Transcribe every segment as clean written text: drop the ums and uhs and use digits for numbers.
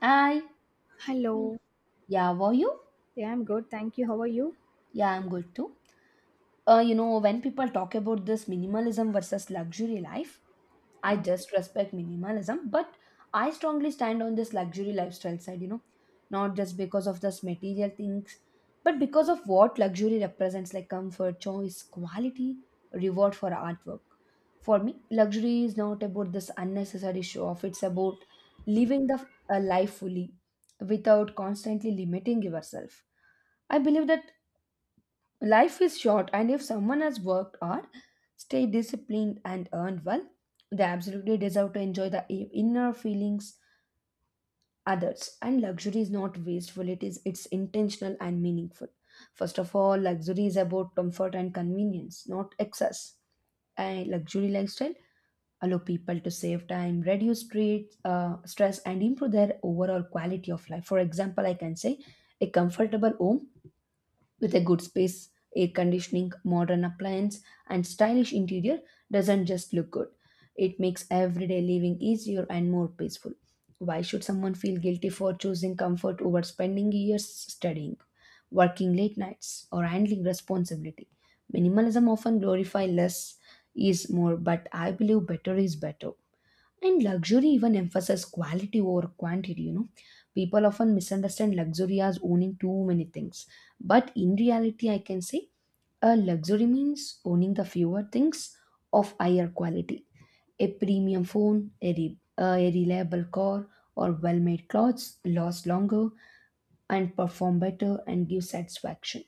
Hi. Hello. Hello. Yeah, were you? Yeah, I'm Yeah. good. Thank you. How are you? Yeah, I'm good too. You know, when people talk about this minimalism versus luxury life, I Uh, just respect minimalism, but I strongly stand on this luxury lifestyle side, you know, not just because of this material things, but because of what luxury represents like comfort, choice, quality, reward for artwork. For me, luxury is not about this unnecessary show off, it's about living the a life fully without constantly limiting yourself. I believe that life is short, and if someone has worked hard, stayed disciplined, and earned well, they absolutely deserve to enjoy the inner feelings others. And luxury is not wasteful; it's intentional and meaningful. First of all, luxury is about comfort and convenience, not excess. A luxury lifestyle allow people to save time, reduce stress, and improve their overall quality of life. For example, I can say a comfortable home with a good space, air conditioning, modern appliance, and stylish interior doesn't just look good. It makes everyday living easier and more peaceful. Why should someone feel guilty for choosing comfort over spending years studying, working late nights, or handling responsibility? Minimalism often glorifies less is more, but I believe better is better. And luxury even emphasizes quality over quantity, you know. People often misunderstand luxury as owning too many things. But in reality, I can say a luxury means owning the fewer things of higher quality. A premium phone, a reliable car, or well made clothes last longer and perform better and give satisfaction.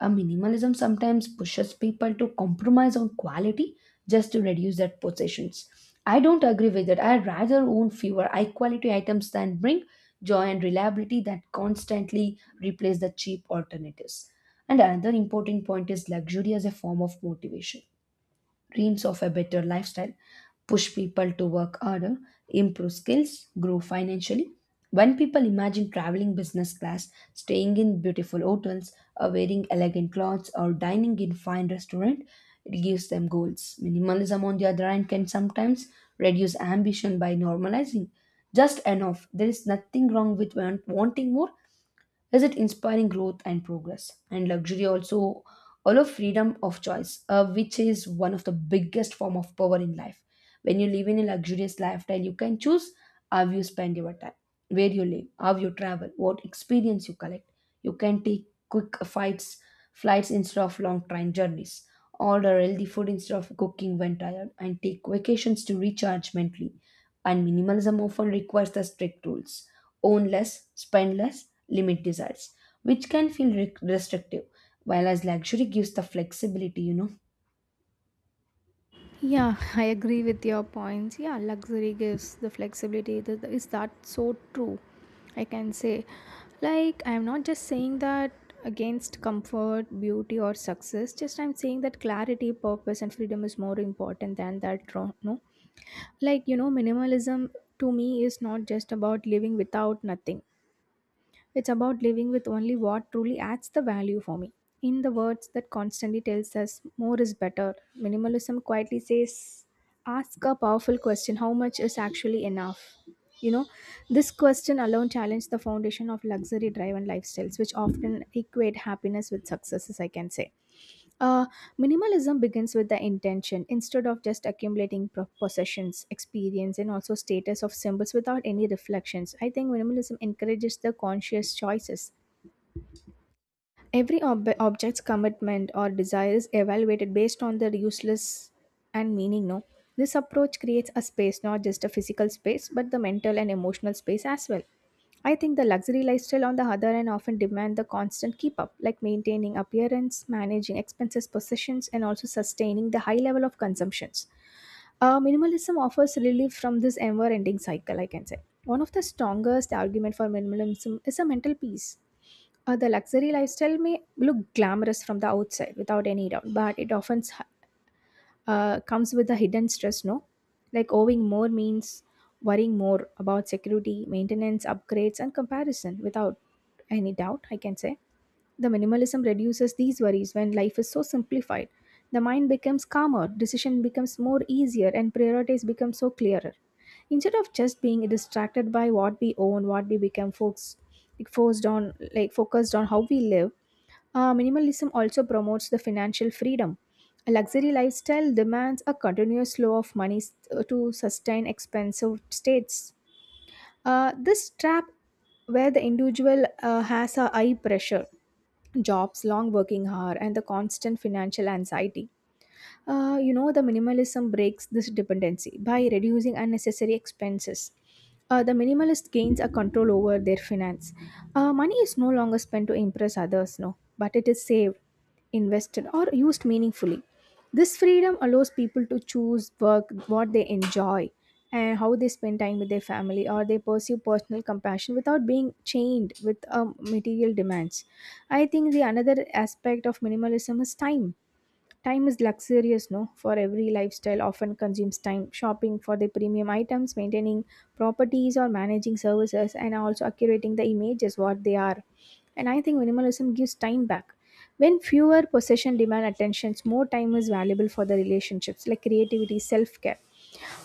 A minimalism sometimes pushes people to compromise on quality just to reduce their possessions. I don't agree with that. I rather own fewer high quality items than bring joy and reliability that constantly replace the cheap alternatives. And another important point is luxury as a form of motivation dreams of a better lifestyle, push people to work harder, improve skills, grow financially. When people imagine traveling business class, staying in beautiful hotels, or wearing elegant clothes, or dining in fine restaurant, it gives them goals. Minimalism, on the other hand, can sometimes reduce ambition by normalizing just enough. There is nothing wrong with wanting more, is it inspiring growth and progress and luxury also allow freedom of choice, which is one of the biggest form of power in life. When you live in a luxurious lifestyle you can choose how you spend your time, where you live, how you travel, what experience you collect. You can take quick flights instead of long train journeys, order healthy food instead of cooking when tired, and take vacations to recharge mentally. And minimalism often requires the strict rules: own less, spend less, limit desires, which can feel restrictive, while as luxury gives the flexibility, you know. Yeah, I agree with your points. Yeah, luxury gives the flexibility. Is that so true? I can say. Like, I'm not just saying that against comfort, beauty, or success, just I'm saying that clarity, purpose, and freedom is more important than that. No, like, minimalism to me is not just about living without nothing. It's about living with only what truly adds the value for me. In the words that constantly tells us more is better, minimalism quietly says, ask a powerful question, how much is actually enough? You know, this question alone challenged the foundation of luxury driven lifestyles, which often equate happiness with successes, I can say. Uh, Minimalism begins with the intention instead of just accumulating possessions, experience, and also status of symbols without any reflections. I think minimalism encourages the conscious choices. Every object's commitment or desire is evaluated based on their useless and meaning. No, this approach creates a space, not just a physical space, but the mental and emotional space as well. I think the luxury lifestyle, on the other hand, often demand the constant keep up, like maintaining appearance, managing expenses, possessions, and also sustaining the high level of consumptions. Minimalism offers relief from this ever-ending cycle, I can say. One of the strongest arguments for minimalism is a mental peace. The luxury lifestyle may look glamorous from the outside without any doubt, but it often comes with a hidden stress, no? Like owing more means worrying more about security, maintenance, upgrades, and comparison without any doubt, I can say. The minimalism reduces these worries when life is so simplified. The mind becomes calmer, decision becomes more easier, and priorities become so clearer. Instead of just being distracted by what we own, what we become focused, like forced on, like focused on how we live, minimalism also promotes the financial freedom. A luxury lifestyle demands a continuous flow of money to sustain expensive states. This trap, where the individual has a high pressure, jobs, long working hour, and the constant financial anxiety. The minimalism breaks this dependency by reducing unnecessary expenses. The minimalist gains a control over their finance. Money is no longer spent to impress others, no, but it is saved, invested, or used meaningfully. This freedom allows people to choose work, what they enjoy, and how they spend time with their family, or they pursue personal compassion without being chained with material demands. I think the another aspect of minimalism is time. Time is luxurious, no? For every lifestyle often consumes time. Shopping for the premium items, maintaining properties or managing services, and also accurating the images what they are. And I think minimalism gives time back. When fewer possession demand attentions, more time is valuable for the relationships, like creativity, self care.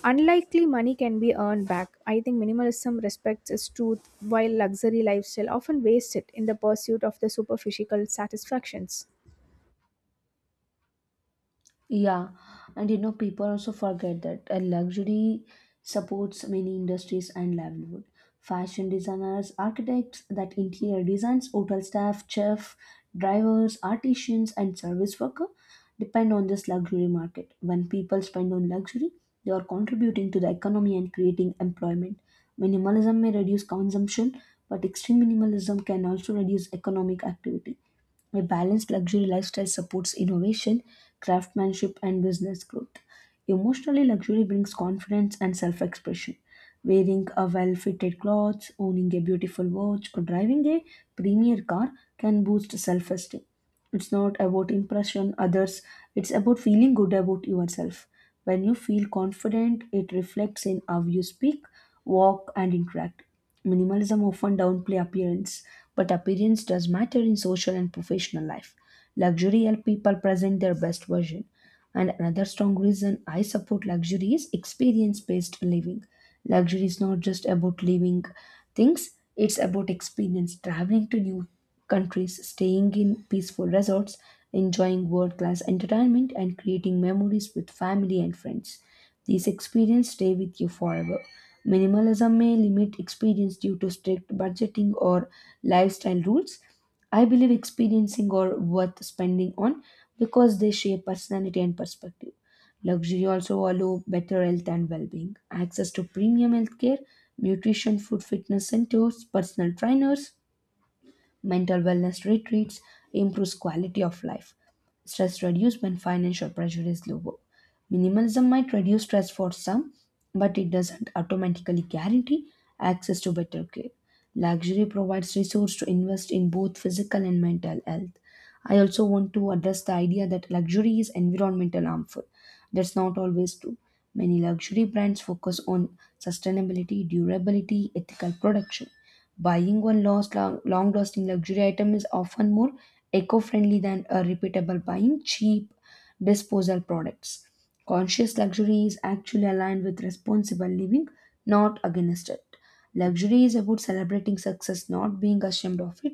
Unlikely money can be earned back. I think minimalism respects its truth, while luxury lifestyle often wastes it in the pursuit of the superficial satisfactions. Yeah, and you know, people also forget that a luxury supports many industries and livelihood. Fashion designers, architects, that interior designs, hotel staff, chef, drivers, artisans, and service worker depend on this luxury market. When people spend on luxury, they are contributing to the economy and creating employment. Minimalism may reduce consumption, but extreme minimalism can also reduce economic activity. A balanced luxury lifestyle supports innovation, craftsmanship, and business growth. Emotionally, luxury brings confidence and self expression. Wearing a well fitted clothes, owning a beautiful watch, or driving a premier car can boost self esteem. It's not about impression others, it's about feeling good about yourself. When you feel confident, it reflects in how you speak, walk, and interact. Minimalism often downplay appearance, but appearance does matter in social and professional life. Luxury helps people present their best version. And another strong reason I support luxury is experience based living. Luxury is not just about living things, it's about experience, traveling to new countries, staying in peaceful resorts, enjoying world class entertainment, and creating memories with family and friends. These experiences stay with you forever. Minimalism may limit experience due to strict budgeting or lifestyle rules, I believe experiencing are worth spending on because they shape personality and perspective. Luxury also allow better health and well-being, access to premium healthcare, nutrition, food, fitness centers, personal trainers, mental wellness retreats improves quality of life. Stress reduced when financial pressure is lower. Minimalism might reduce stress for some, but it doesn't automatically guarantee access to better care. Luxury provides resource to invest in both physical and mental health. I also want to address the idea that luxury is environmental harmful. That's not always true. Many luxury brands focus on sustainability, durability, ethical production. Buying one long-lasting luxury item is often more eco-friendly than a repeatable buying cheap disposal products. Conscious luxury is actually aligned with responsible living, not against it. Luxury is about celebrating success, not being ashamed of it.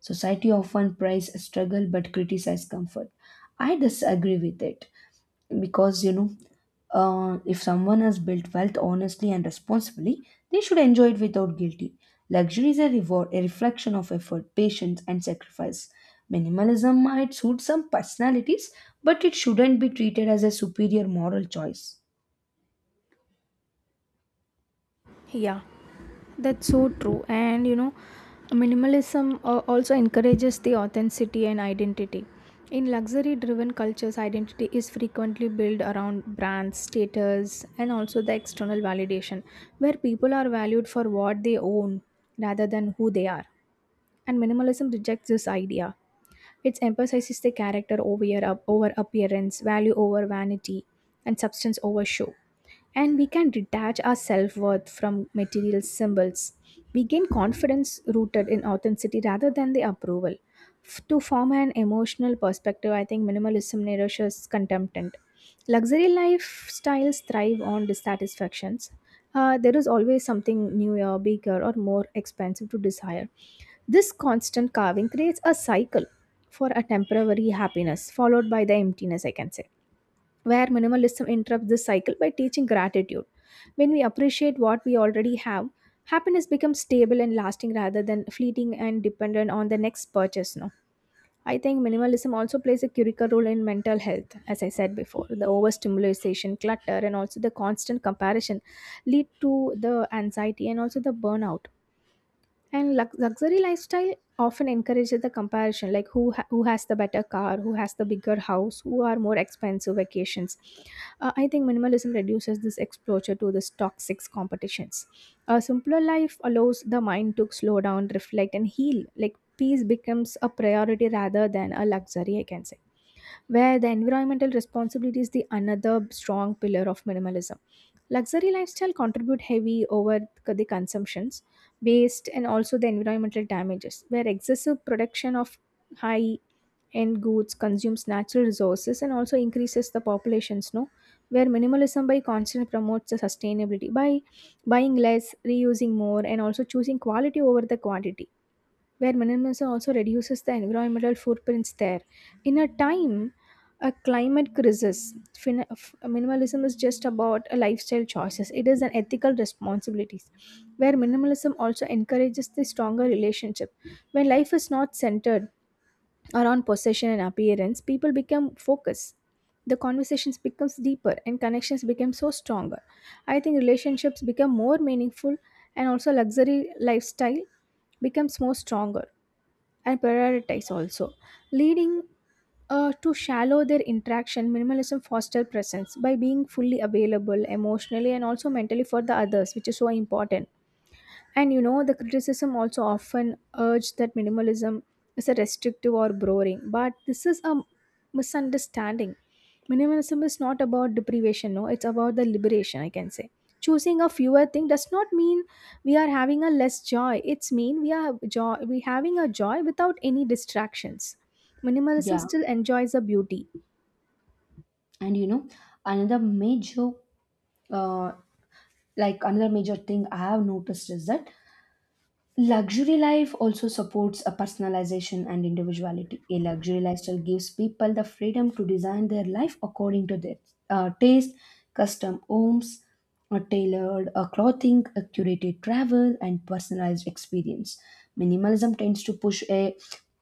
Society often praises struggle but criticizes comfort. I disagree with it because, you know, if someone has built wealth honestly and responsibly, they should enjoy it without guilty. Luxury is a reward, a reflection of effort, patience and sacrifice. Minimalism might suit some personalities, but it shouldn't be treated as a superior moral choice. Yeah. That's so true, and minimalism also encourages the authenticity and identity in luxury driven cultures. Identity is frequently built around brands, status, and also the external validation, where people are valued for what they own rather than who they are. And minimalism rejects this idea. It emphasizes the character over appearance, value over vanity, and substance over show. And we can detach our self worth from material symbols. We gain confidence rooted in authenticity rather than the approval. To form an emotional perspective, I think minimalism nourishes contentment. Luxury lifestyles thrive on dissatisfactions. There is always something newer, bigger, or more expensive to desire. This constant carving creates a cycle for a temporary happiness, followed by the emptiness, I can say, where minimalism interrupts this cycle by teaching gratitude. When we appreciate what we already have, happiness becomes stable and lasting rather than fleeting and dependent on the next purchase. No. I think minimalism also plays a critical role in mental health, as I said before. The overstimulation, clutter, and also the constant comparison lead to the anxiety and also the burnout, and luxury lifestyle often encourages the comparison, like who has the better car, who has the bigger house, who are more expensive vacations. I think minimalism reduces this exposure to this toxic competitions. A simpler life allows the mind to slow down, reflect, and heal, like peace becomes a priority rather than a luxury, I can say, where the environmental responsibility is the another strong pillar of minimalism. Luxury lifestyle contribute heavy over the consumptions, waste, and also the environmental damages, where excessive production of high end goods consumes natural resources and also increases the populations, no, where minimalism by constant promotes the sustainability by buying less, reusing more, and also choosing quality over the quantity, where minimalism also reduces the environmental footprints there. In a time, a climate crisis, minimalism is just about a lifestyle choices. It is an ethical responsibilities, where minimalism also encourages the stronger relationship. When life is not centered around possession and appearance, people become focused. The conversations becomes deeper and connections become so stronger. I think relationships become more meaningful, and also luxury lifestyle becomes more stronger and prioritize also, leading to shallow their interaction. Minimalism foster presence by being fully available emotionally and also mentally for the others, which is so important. And the criticism also often urged that minimalism is a restrictive or boring, but this is a misunderstanding. Minimalism is not about deprivation, no, it's about the liberation, I can say. Choosing a fewer thing does not mean we are having a less joy. It's mean we are joy we having a joy without any distractions. Minimalism Yeah, still enjoys the beauty. and you know, another major uh, another major thing I have noticed is that luxury life also supports a personalization and individuality. A luxury lifestyle gives people the freedom to design their life according to their taste, custom homes, a tailored clothing, a curated travel, and personalized experience. Minimalism tends to push a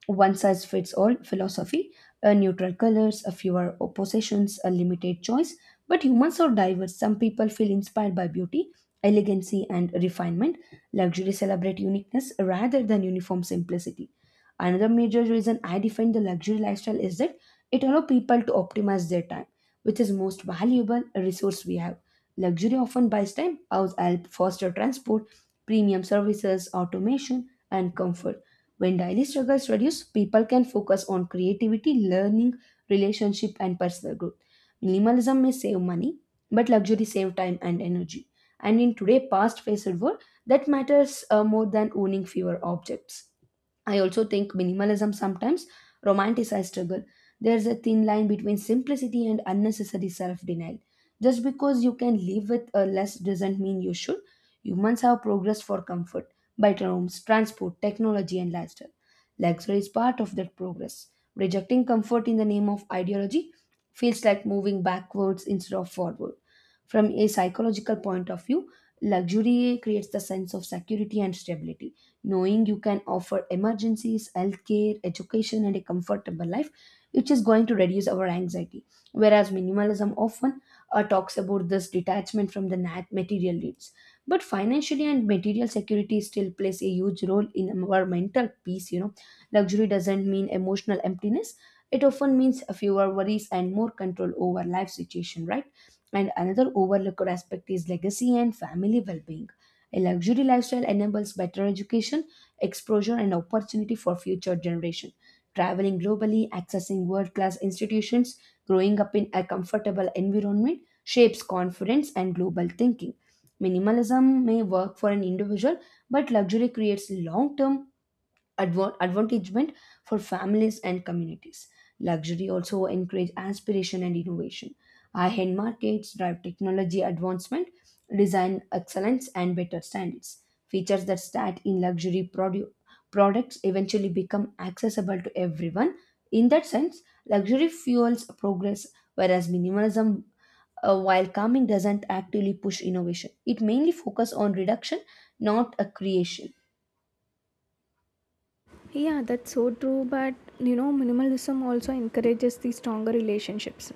one size fits all philosophy, a neutral colors, a fewer oppositions, a limited choice. But humans are diverse. Some people feel inspired by beauty, elegancy, and refinement. Luxury celebrate uniqueness rather than uniform simplicity. Another major reason I define the luxury lifestyle is that it allows people to optimize their time, which is most valuable resource we have. Luxury often buys time, house help, foster transport, premium services, automation, and comfort. When daily struggles reduce, people can focus on creativity, learning, relationship, and personal growth. Minimalism may save money, but luxury save time and energy. And in today, fast-paced world, that matters more than owning fewer objects. I also think minimalism sometimes romanticizes struggle. There's a thin line between simplicity and unnecessary self denial. Just because you can live with a less doesn't mean you should. Humans have progressed for comfort, better homes, transport, technology, and lifestyle. Luxury is part of that progress. Rejecting comfort in the name of ideology feels like moving backwards instead of forward. From a psychological point of view, luxury creates the sense of security and stability, knowing you can offer emergencies, healthcare, education, and a comfortable life, which is going to reduce our anxiety. Whereas minimalism often talks about this detachment from the material needs. But financially and material security still plays a huge role in our mental peace. You know, luxury doesn't mean emotional emptiness. It often means fewer worries and more control over life situation, right? And another overlooked aspect is legacy and family well-being. A luxury lifestyle enables better education, exposure, and opportunity for future generation. Traveling globally, accessing world-class institutions, growing up in a comfortable environment shapes confidence and global thinking. Minimalism may work for an individual, but luxury creates long-term advantagement for families and communities. Luxury also encourage aspiration and innovation. High-end markets drive technology advancement, design excellence, and better standards. Features that start in luxury products eventually become accessible to everyone. In that sense, luxury fuels progress, whereas minimalism, while calming, doesn't actively push innovation. It mainly focuses on reduction, not a creation. Yeah, that's so true. But minimalism also encourages the stronger relationships.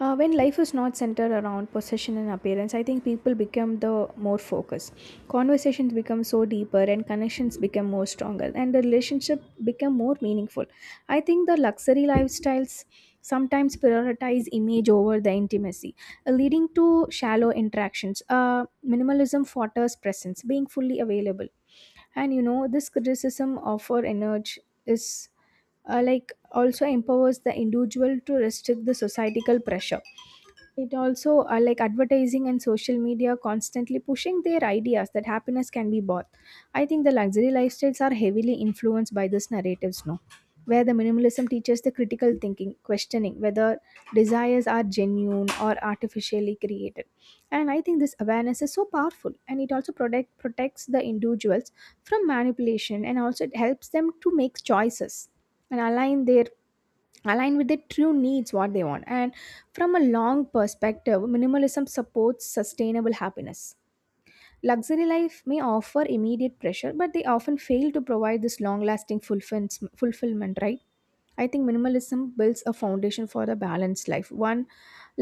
When life is not centered around possession and appearance, I think people become the more focused. Conversations become so deeper, and connections become more stronger, and the relationship become more meaningful. I think the luxury lifestyles sometimes prioritize image over the intimacy, leading to shallow interactions. Minimalism fosters presence, being fully available. And this criticism of our energy is like also empowers the individual to restrict the societal pressure. It also, like advertising and social media, constantly pushing their ideas that happiness can be bought. I think the luxury lifestyles are heavily influenced by these narratives now, where the minimalism teaches the critical thinking, questioning whether desires are genuine or artificially created. And I think this awareness is so powerful, and it also protects the individuals from manipulation, and also it helps them to make choices and align their align with their true needs what they want. And from a long perspective, minimalism supports sustainable happiness. Luxury life may offer immediate pressure, but they often fail to provide this long lasting fulfillment, right? I think minimalism builds a foundation for a balanced life, one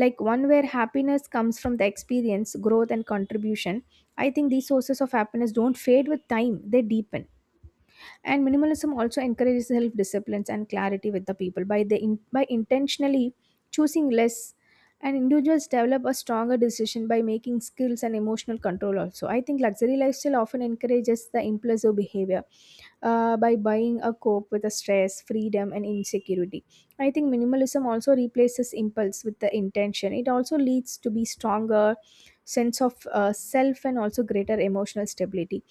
where happiness comes from the experience, growth, and contribution. I think these sources of happiness don't fade with time, they deepen. And minimalism also encourages self disciplines and clarity with the people by intentionally choosing less. And individuals develop a stronger decision by making skills and emotional control. Also, I think luxury lifestyle often encourages the impulsive behavior, by buying a cope with the stress, freedom, and insecurity. I think minimalism also replaces impulse with the intention. It also leads to be stronger sense of self and also greater emotional stability.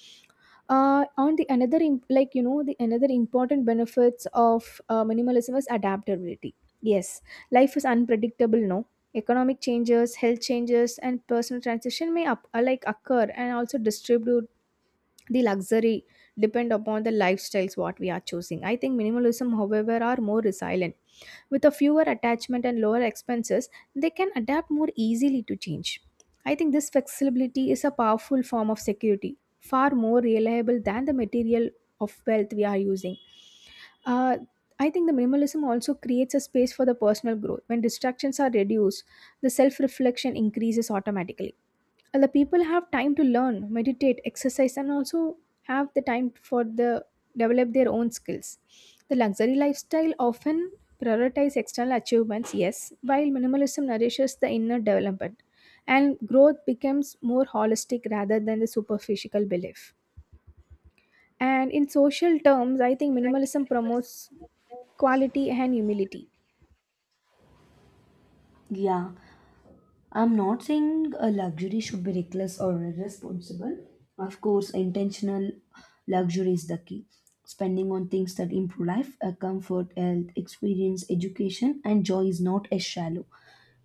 On the another the another important benefits of minimalism is adaptability, yes. Life is unpredictable, no? Economic changes, health changes, and personal transition may up, like occur and also distribute the luxury depend upon the lifestyles what we are choosing. I think minimalism, however, are more resilient with a fewer attachment and lower expenses. They can adapt more easily to change. I think this flexibility is a powerful form of security, far more reliable than the material of wealth we are using. Uh, I think the minimalism also creates a space for the personal growth. When distractions are reduced, the self reflection increases automatically, and the people have time to learn, meditate, exercise, and also have the time for the develop their own skills. The luxury lifestyle often prioritize external achievements, yes, while minimalism nourishes the inner development, and growth becomes more holistic rather than the superficial belief. And in social terms, I think minimalism promotes quality and humility. Yeah. I'm not saying a luxury should be reckless or irresponsible. Of course, intentional luxury is the key. Spending on things that improve life, comfort, health, experience, education, and joy is not a shallow.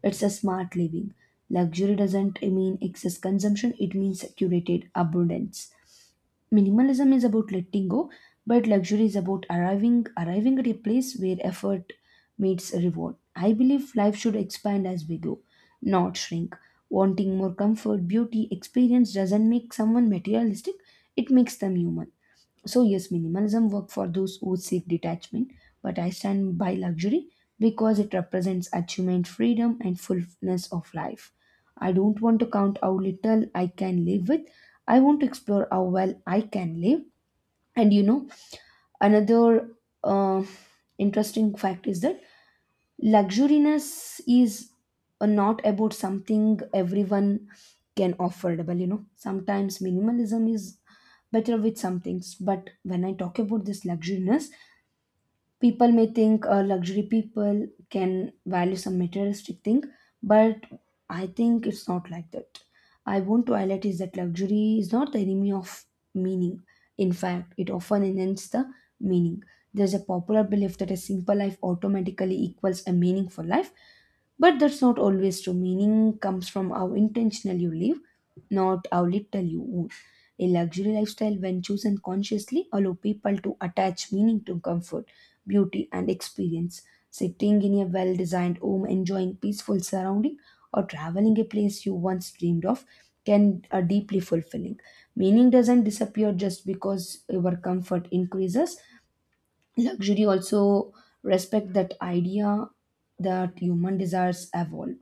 It's a smart living. Luxury doesn't mean excess consumption, it means curated abundance. Minimalism is about letting go, but luxury is about arriving at a place where effort meets reward. I believe life should expand as we go, not shrink. Wanting more comfort, beauty, experience doesn't make someone materialistic, it makes them human. So, yes, minimalism work for those who seek detachment, but I stand by luxury because it represents achievement, freedom, and fullness of life. I don't want to count how little I can live with. I want to explore how well I can live. And you know, another uh, interesting fact is that luxuriness is, not about something everyone can affordable. You know, sometimes minimalism is better with some things, but when I talk about this luxuriness, people may think luxury people can value some materialistic thing. But I think it's not like that. I want to highlight is that luxury is not the enemy of meaning. In fact, it often enhances the meaning. There's a popular belief that a simple life automatically equals a meaningful life, but that's not always true. Meaning comes from how intentional you live, not how little you own. A luxury lifestyle, when chosen consciously, allow people to attach meaning to comfort, beauty, and experience. Sitting in a well-designed home, enjoying peaceful surrounding, or traveling a place you once dreamed of can are deeply fulfilling. Meaning doesn't disappear just because your comfort increases. Luxury also respect that idea that human desires evolve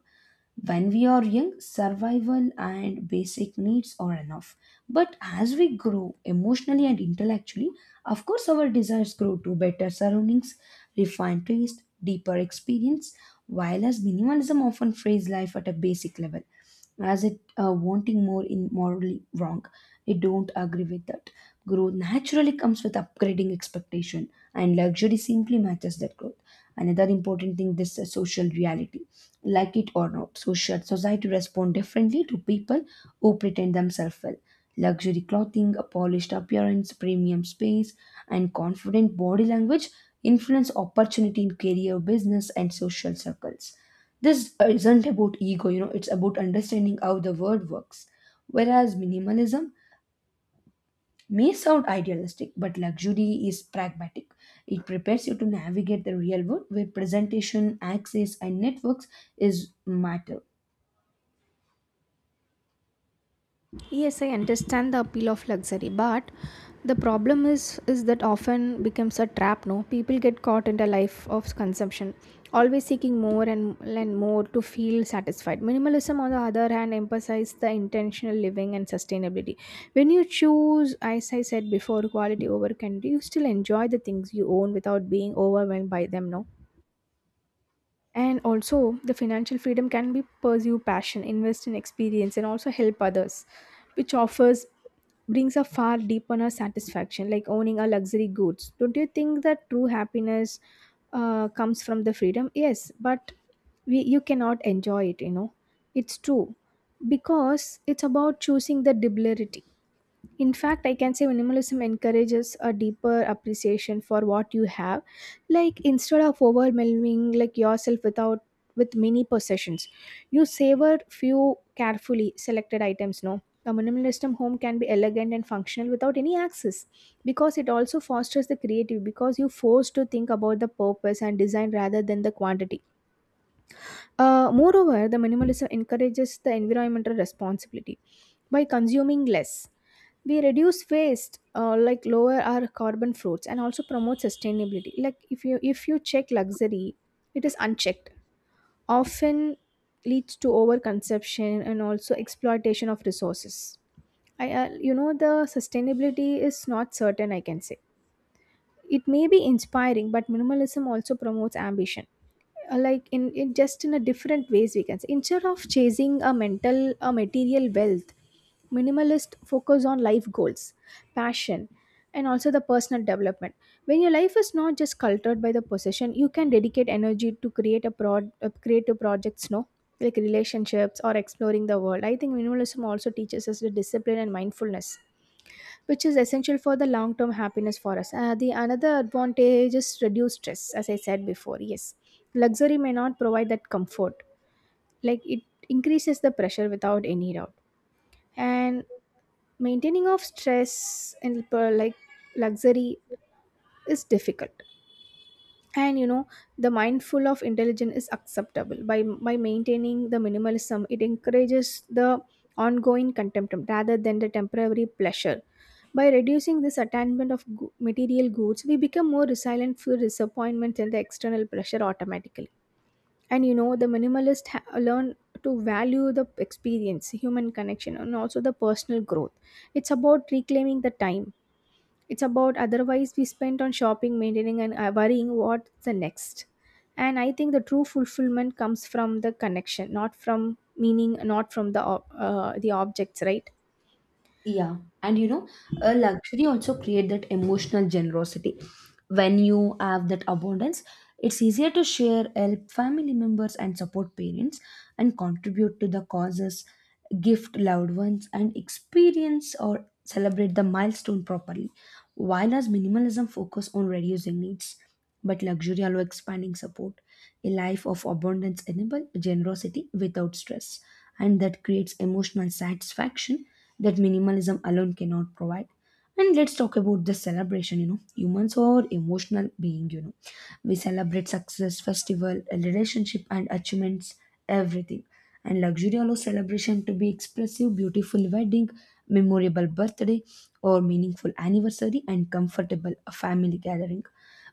when we are young, survival and basic needs are enough. But as we grow emotionally and intellectually, of course, our desires grow to better surroundings, refined taste, deeper experience, while as minimalism often frays life at a basic level as it wanting more in morally wrong. I don't agree with that. Growth naturally comes with upgrading expectation, and luxury simply matches that growth. Another important thing, this is social reality, like it or not. Social society respond differently to people who pretend themselves well. Luxury clothing, a polished appearance, premium space, and confident body language influence opportunity in career, business, and social circles. This isn't about ego, you know it's about understanding how the world works. Whereas minimalism may sound idealistic, but luxury is pragmatic. It prepares you to navigate the real world where presentation, access, and networks is matter. Yes, I understand the appeal of luxury, but the problem is that often becomes a trap. No, people get caught in the life of consumption, always seeking more and more to feel satisfied. Minimalism, on the other hand, emphasizes the intentional living and sustainability. When you choose, as I said before, quality over quantity, you still enjoy the things you own without being overwhelmed by them. No. And also, the financial freedom can be pursue passion, invest in experience, and also help others, which offers brings a far deeper satisfaction, like owning a luxury goods. Don't you think that true happiness comes from the freedom? Yes, but we you cannot enjoy it. It's true because it's about choosing the deliberately in fact, I can say minimalism encourages a deeper appreciation for what you have. Like instead of overwhelming like yourself without with many possessions, you savor few carefully selected items. No, a minimalism home can be elegant and functional without any access, because it also fosters the creative. Because you forced to think about the purpose and design rather than the quantity. Moreover, the minimalism encourages the environmental responsibility by consuming less, we reduce waste, like lower our carbon fruits, and also promote sustainability. Like if you check luxury, it is unchecked, often leads to overconsumption and also exploitation of resources. I you know, the sustainability is not certain, I can say. It may be inspiring, but minimalism also promotes ambition, like in just in a different ways, we can say. Instead of chasing a mental a material wealth, minimalist focus on life goals, passion, and also the personal development. When your life is not just cultured by the possession, you can dedicate energy to create a broad creative projects, no, like relationships or exploring the world. I think minimalism also teaches us the discipline and mindfulness, which is essential for the long term happiness for us. The another advantage is reduced stress, as I said before. Yes, luxury may not provide that comfort, like it increases the pressure without any doubt. And maintaining of like, luxury is difficult. And you know, the mindful of intelligence is acceptable by maintaining the minimalism. It encourages the ongoing contentment rather than the temporary pleasure. By reducing this attachment of material goods, we become more resilient for disappointment and the external pressure automatically. And you know, the learn to value the experience, human connection, and also the personal growth. It's about reclaiming the time. It's about otherwise we spend on shopping, maintaining, and worrying what's the next. And I think the true fulfillment comes from the connection, not from meaning, not from the the objects, right? Yeah, and you know, a luxury also create that emotional generosity. When you have that abundance, it's easier to share, help family members, and support parents, and contribute to the causes, gift loved ones, and experience or celebrate the milestone properly. While as minimalism focus on reducing needs. But luxury allows expanding support, a life of abundance enables generosity without stress, and that creates emotional satisfaction that minimalism alone cannot provide. And let's talk about the celebration. You know, humans are emotional being. You know, we celebrate success, festival, a relationship, and achievements, everything. And luxury allows celebration to be expressive, beautiful wedding, memorable birthday, or meaningful anniversary, and comfortable family gathering.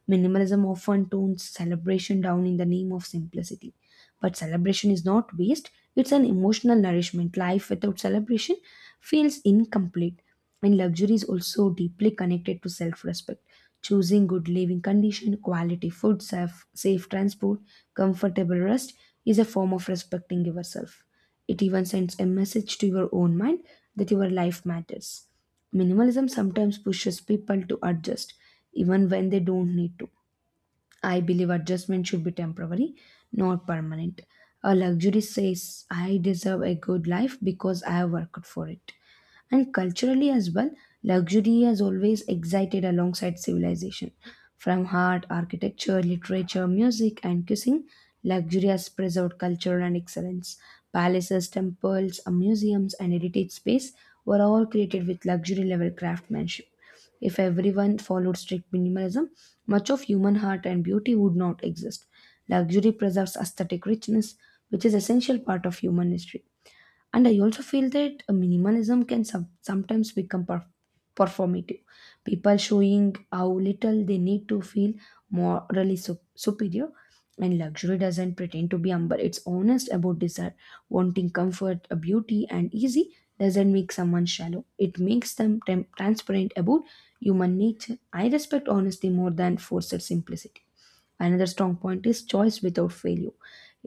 Minimalism often tones celebration down in the name of simplicity. But celebration is not waste, it's an emotional nourishment. Life without celebration feels incomplete. And luxury is also deeply connected to self respect. Choosing good living condition, quality food, safe transport, comfortable rest is a form of respecting yourself. It even sends a message to your own mind that your life matters. Minimalism sometimes pushes people to adjust even when they don't need to. I believe adjustment should be temporary, not permanent. A luxury says, I deserve a good life because I have worked for it. And culturally as well, luxury has always excited alongside civilization. From art, architecture, literature, music, and cuisine, luxurious preserved culture and excellence. Palaces, temples, museums, and heritage space were all created with luxury level craftsmanship. If everyone followed strict minimalism, much of human heart and beauty would not exist. Luxury preserves aesthetic richness, which is essential part of human history. And I also feel that minimalism can sometimes become performative, people showing how little they need to feel morally superior. And luxury doesn't pretend to be humble, it's honest about desire. Wanting comfort, beauty, and easy doesn't make someone shallow, it makes them transparent about human nature. I respect honesty more than forced simplicity. Another strong point is choice without failure.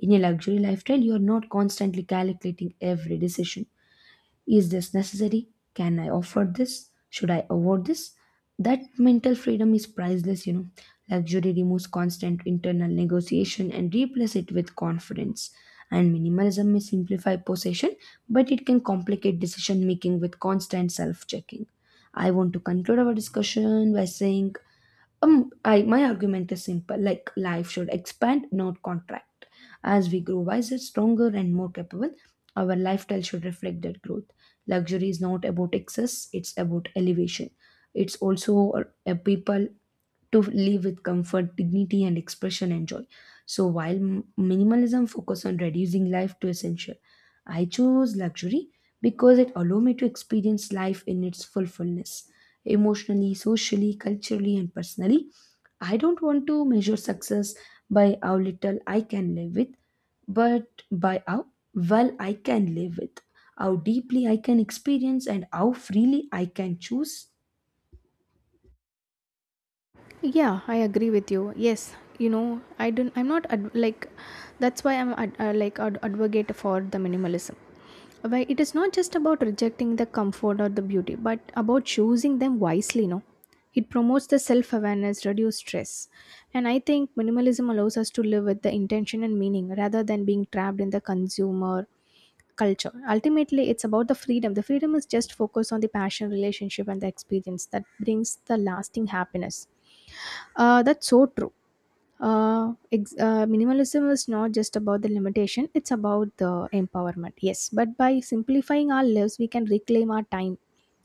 In a luxury lifestyle, you are not constantly calculating every decision. Is this necessary? Can I afford this? Should I avoid this? That mental freedom is priceless, you know. Luxury removes constant internal negotiation and replaces it with confidence. And minimalism may simplify possession, but it can complicate decision making with constant self checking. I want to conclude our discussion by saying I my argument is simple. Like life should expand, not contract. As we grow wiser, stronger, and more capable, our lifestyle should reflect that growth. Luxury is not about excess; it's about elevation. It's also a, a people to live with comfort, dignity, and expression and joy. So while minimalism focuses on reducing life to essential, I chose luxury because it allowed me to experience life in its fullness, emotionally, socially, culturally, and personally. I don't want to measure success by how little I can live with, but by how well I can live with, how deeply I can experience, and how freely I can choose. Yeah, I agree with you. Yes, you know, I don't, I'm not ad- like, that's why I'm advocate for the minimalism. Why it is not just about rejecting the comfort or the beauty, but about choosing them wisely, no. It promotes the self-awareness, reduce stress, and I think minimalism allows us to live with the intention and meaning rather than being trapped in the consumer culture. Ultimately, it's about the freedom. The freedom is just focus on the passion, relationship, and the experience that brings the lasting happiness. That's so true. Minimalism is not just about the limitation, it's about the empowerment. Yes, but by simplifying our lives, we can reclaim our time,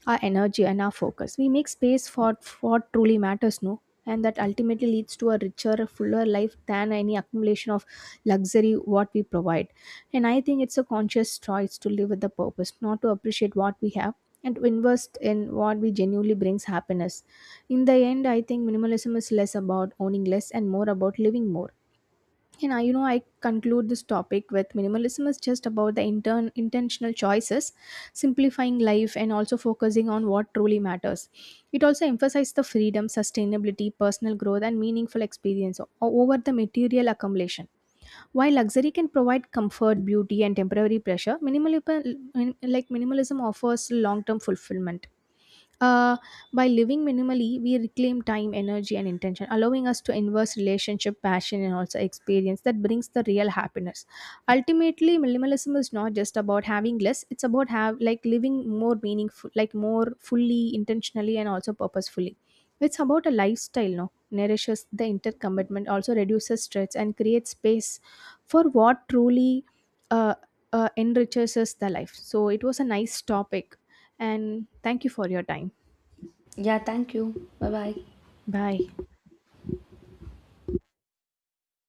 our energy, and our focus. We make space for what truly matters, no? And that ultimately leads to a richer, fuller life than any accumulation of luxury what we provide. And I think it's a conscious choice to live with a purpose, not to appreciate what we have, and to invest in what we genuinely brings happiness. In the end, I think minimalism is less about owning less and more about living more. And I, you know, I conclude this topic with minimalism is just about the intern intentional choices, simplifying life, and also focusing on what truly matters. It also emphasizes the freedom, sustainability, personal growth, and meaningful over the material accumulation. While luxury can provide comfort, beauty, and temporary pleasure, minimalism, offers long-term fulfillment. Uh, by living minimally, we reclaim time, energy, and intention, allowing us to invest relationship, passion, and also experience that brings the real happiness. Ultimately, minimalism is not just about having less; it's about have like living more meaningful, like more fully, intentionally, and also purposefully. It's about a lifestyle, no, nourishes the intercommitment, also reduces stress, and creates space for what truly uh, enriches us the life. So it was a nice topic, and thank you for your time. Yeah, thank you. Bye bye. Bye.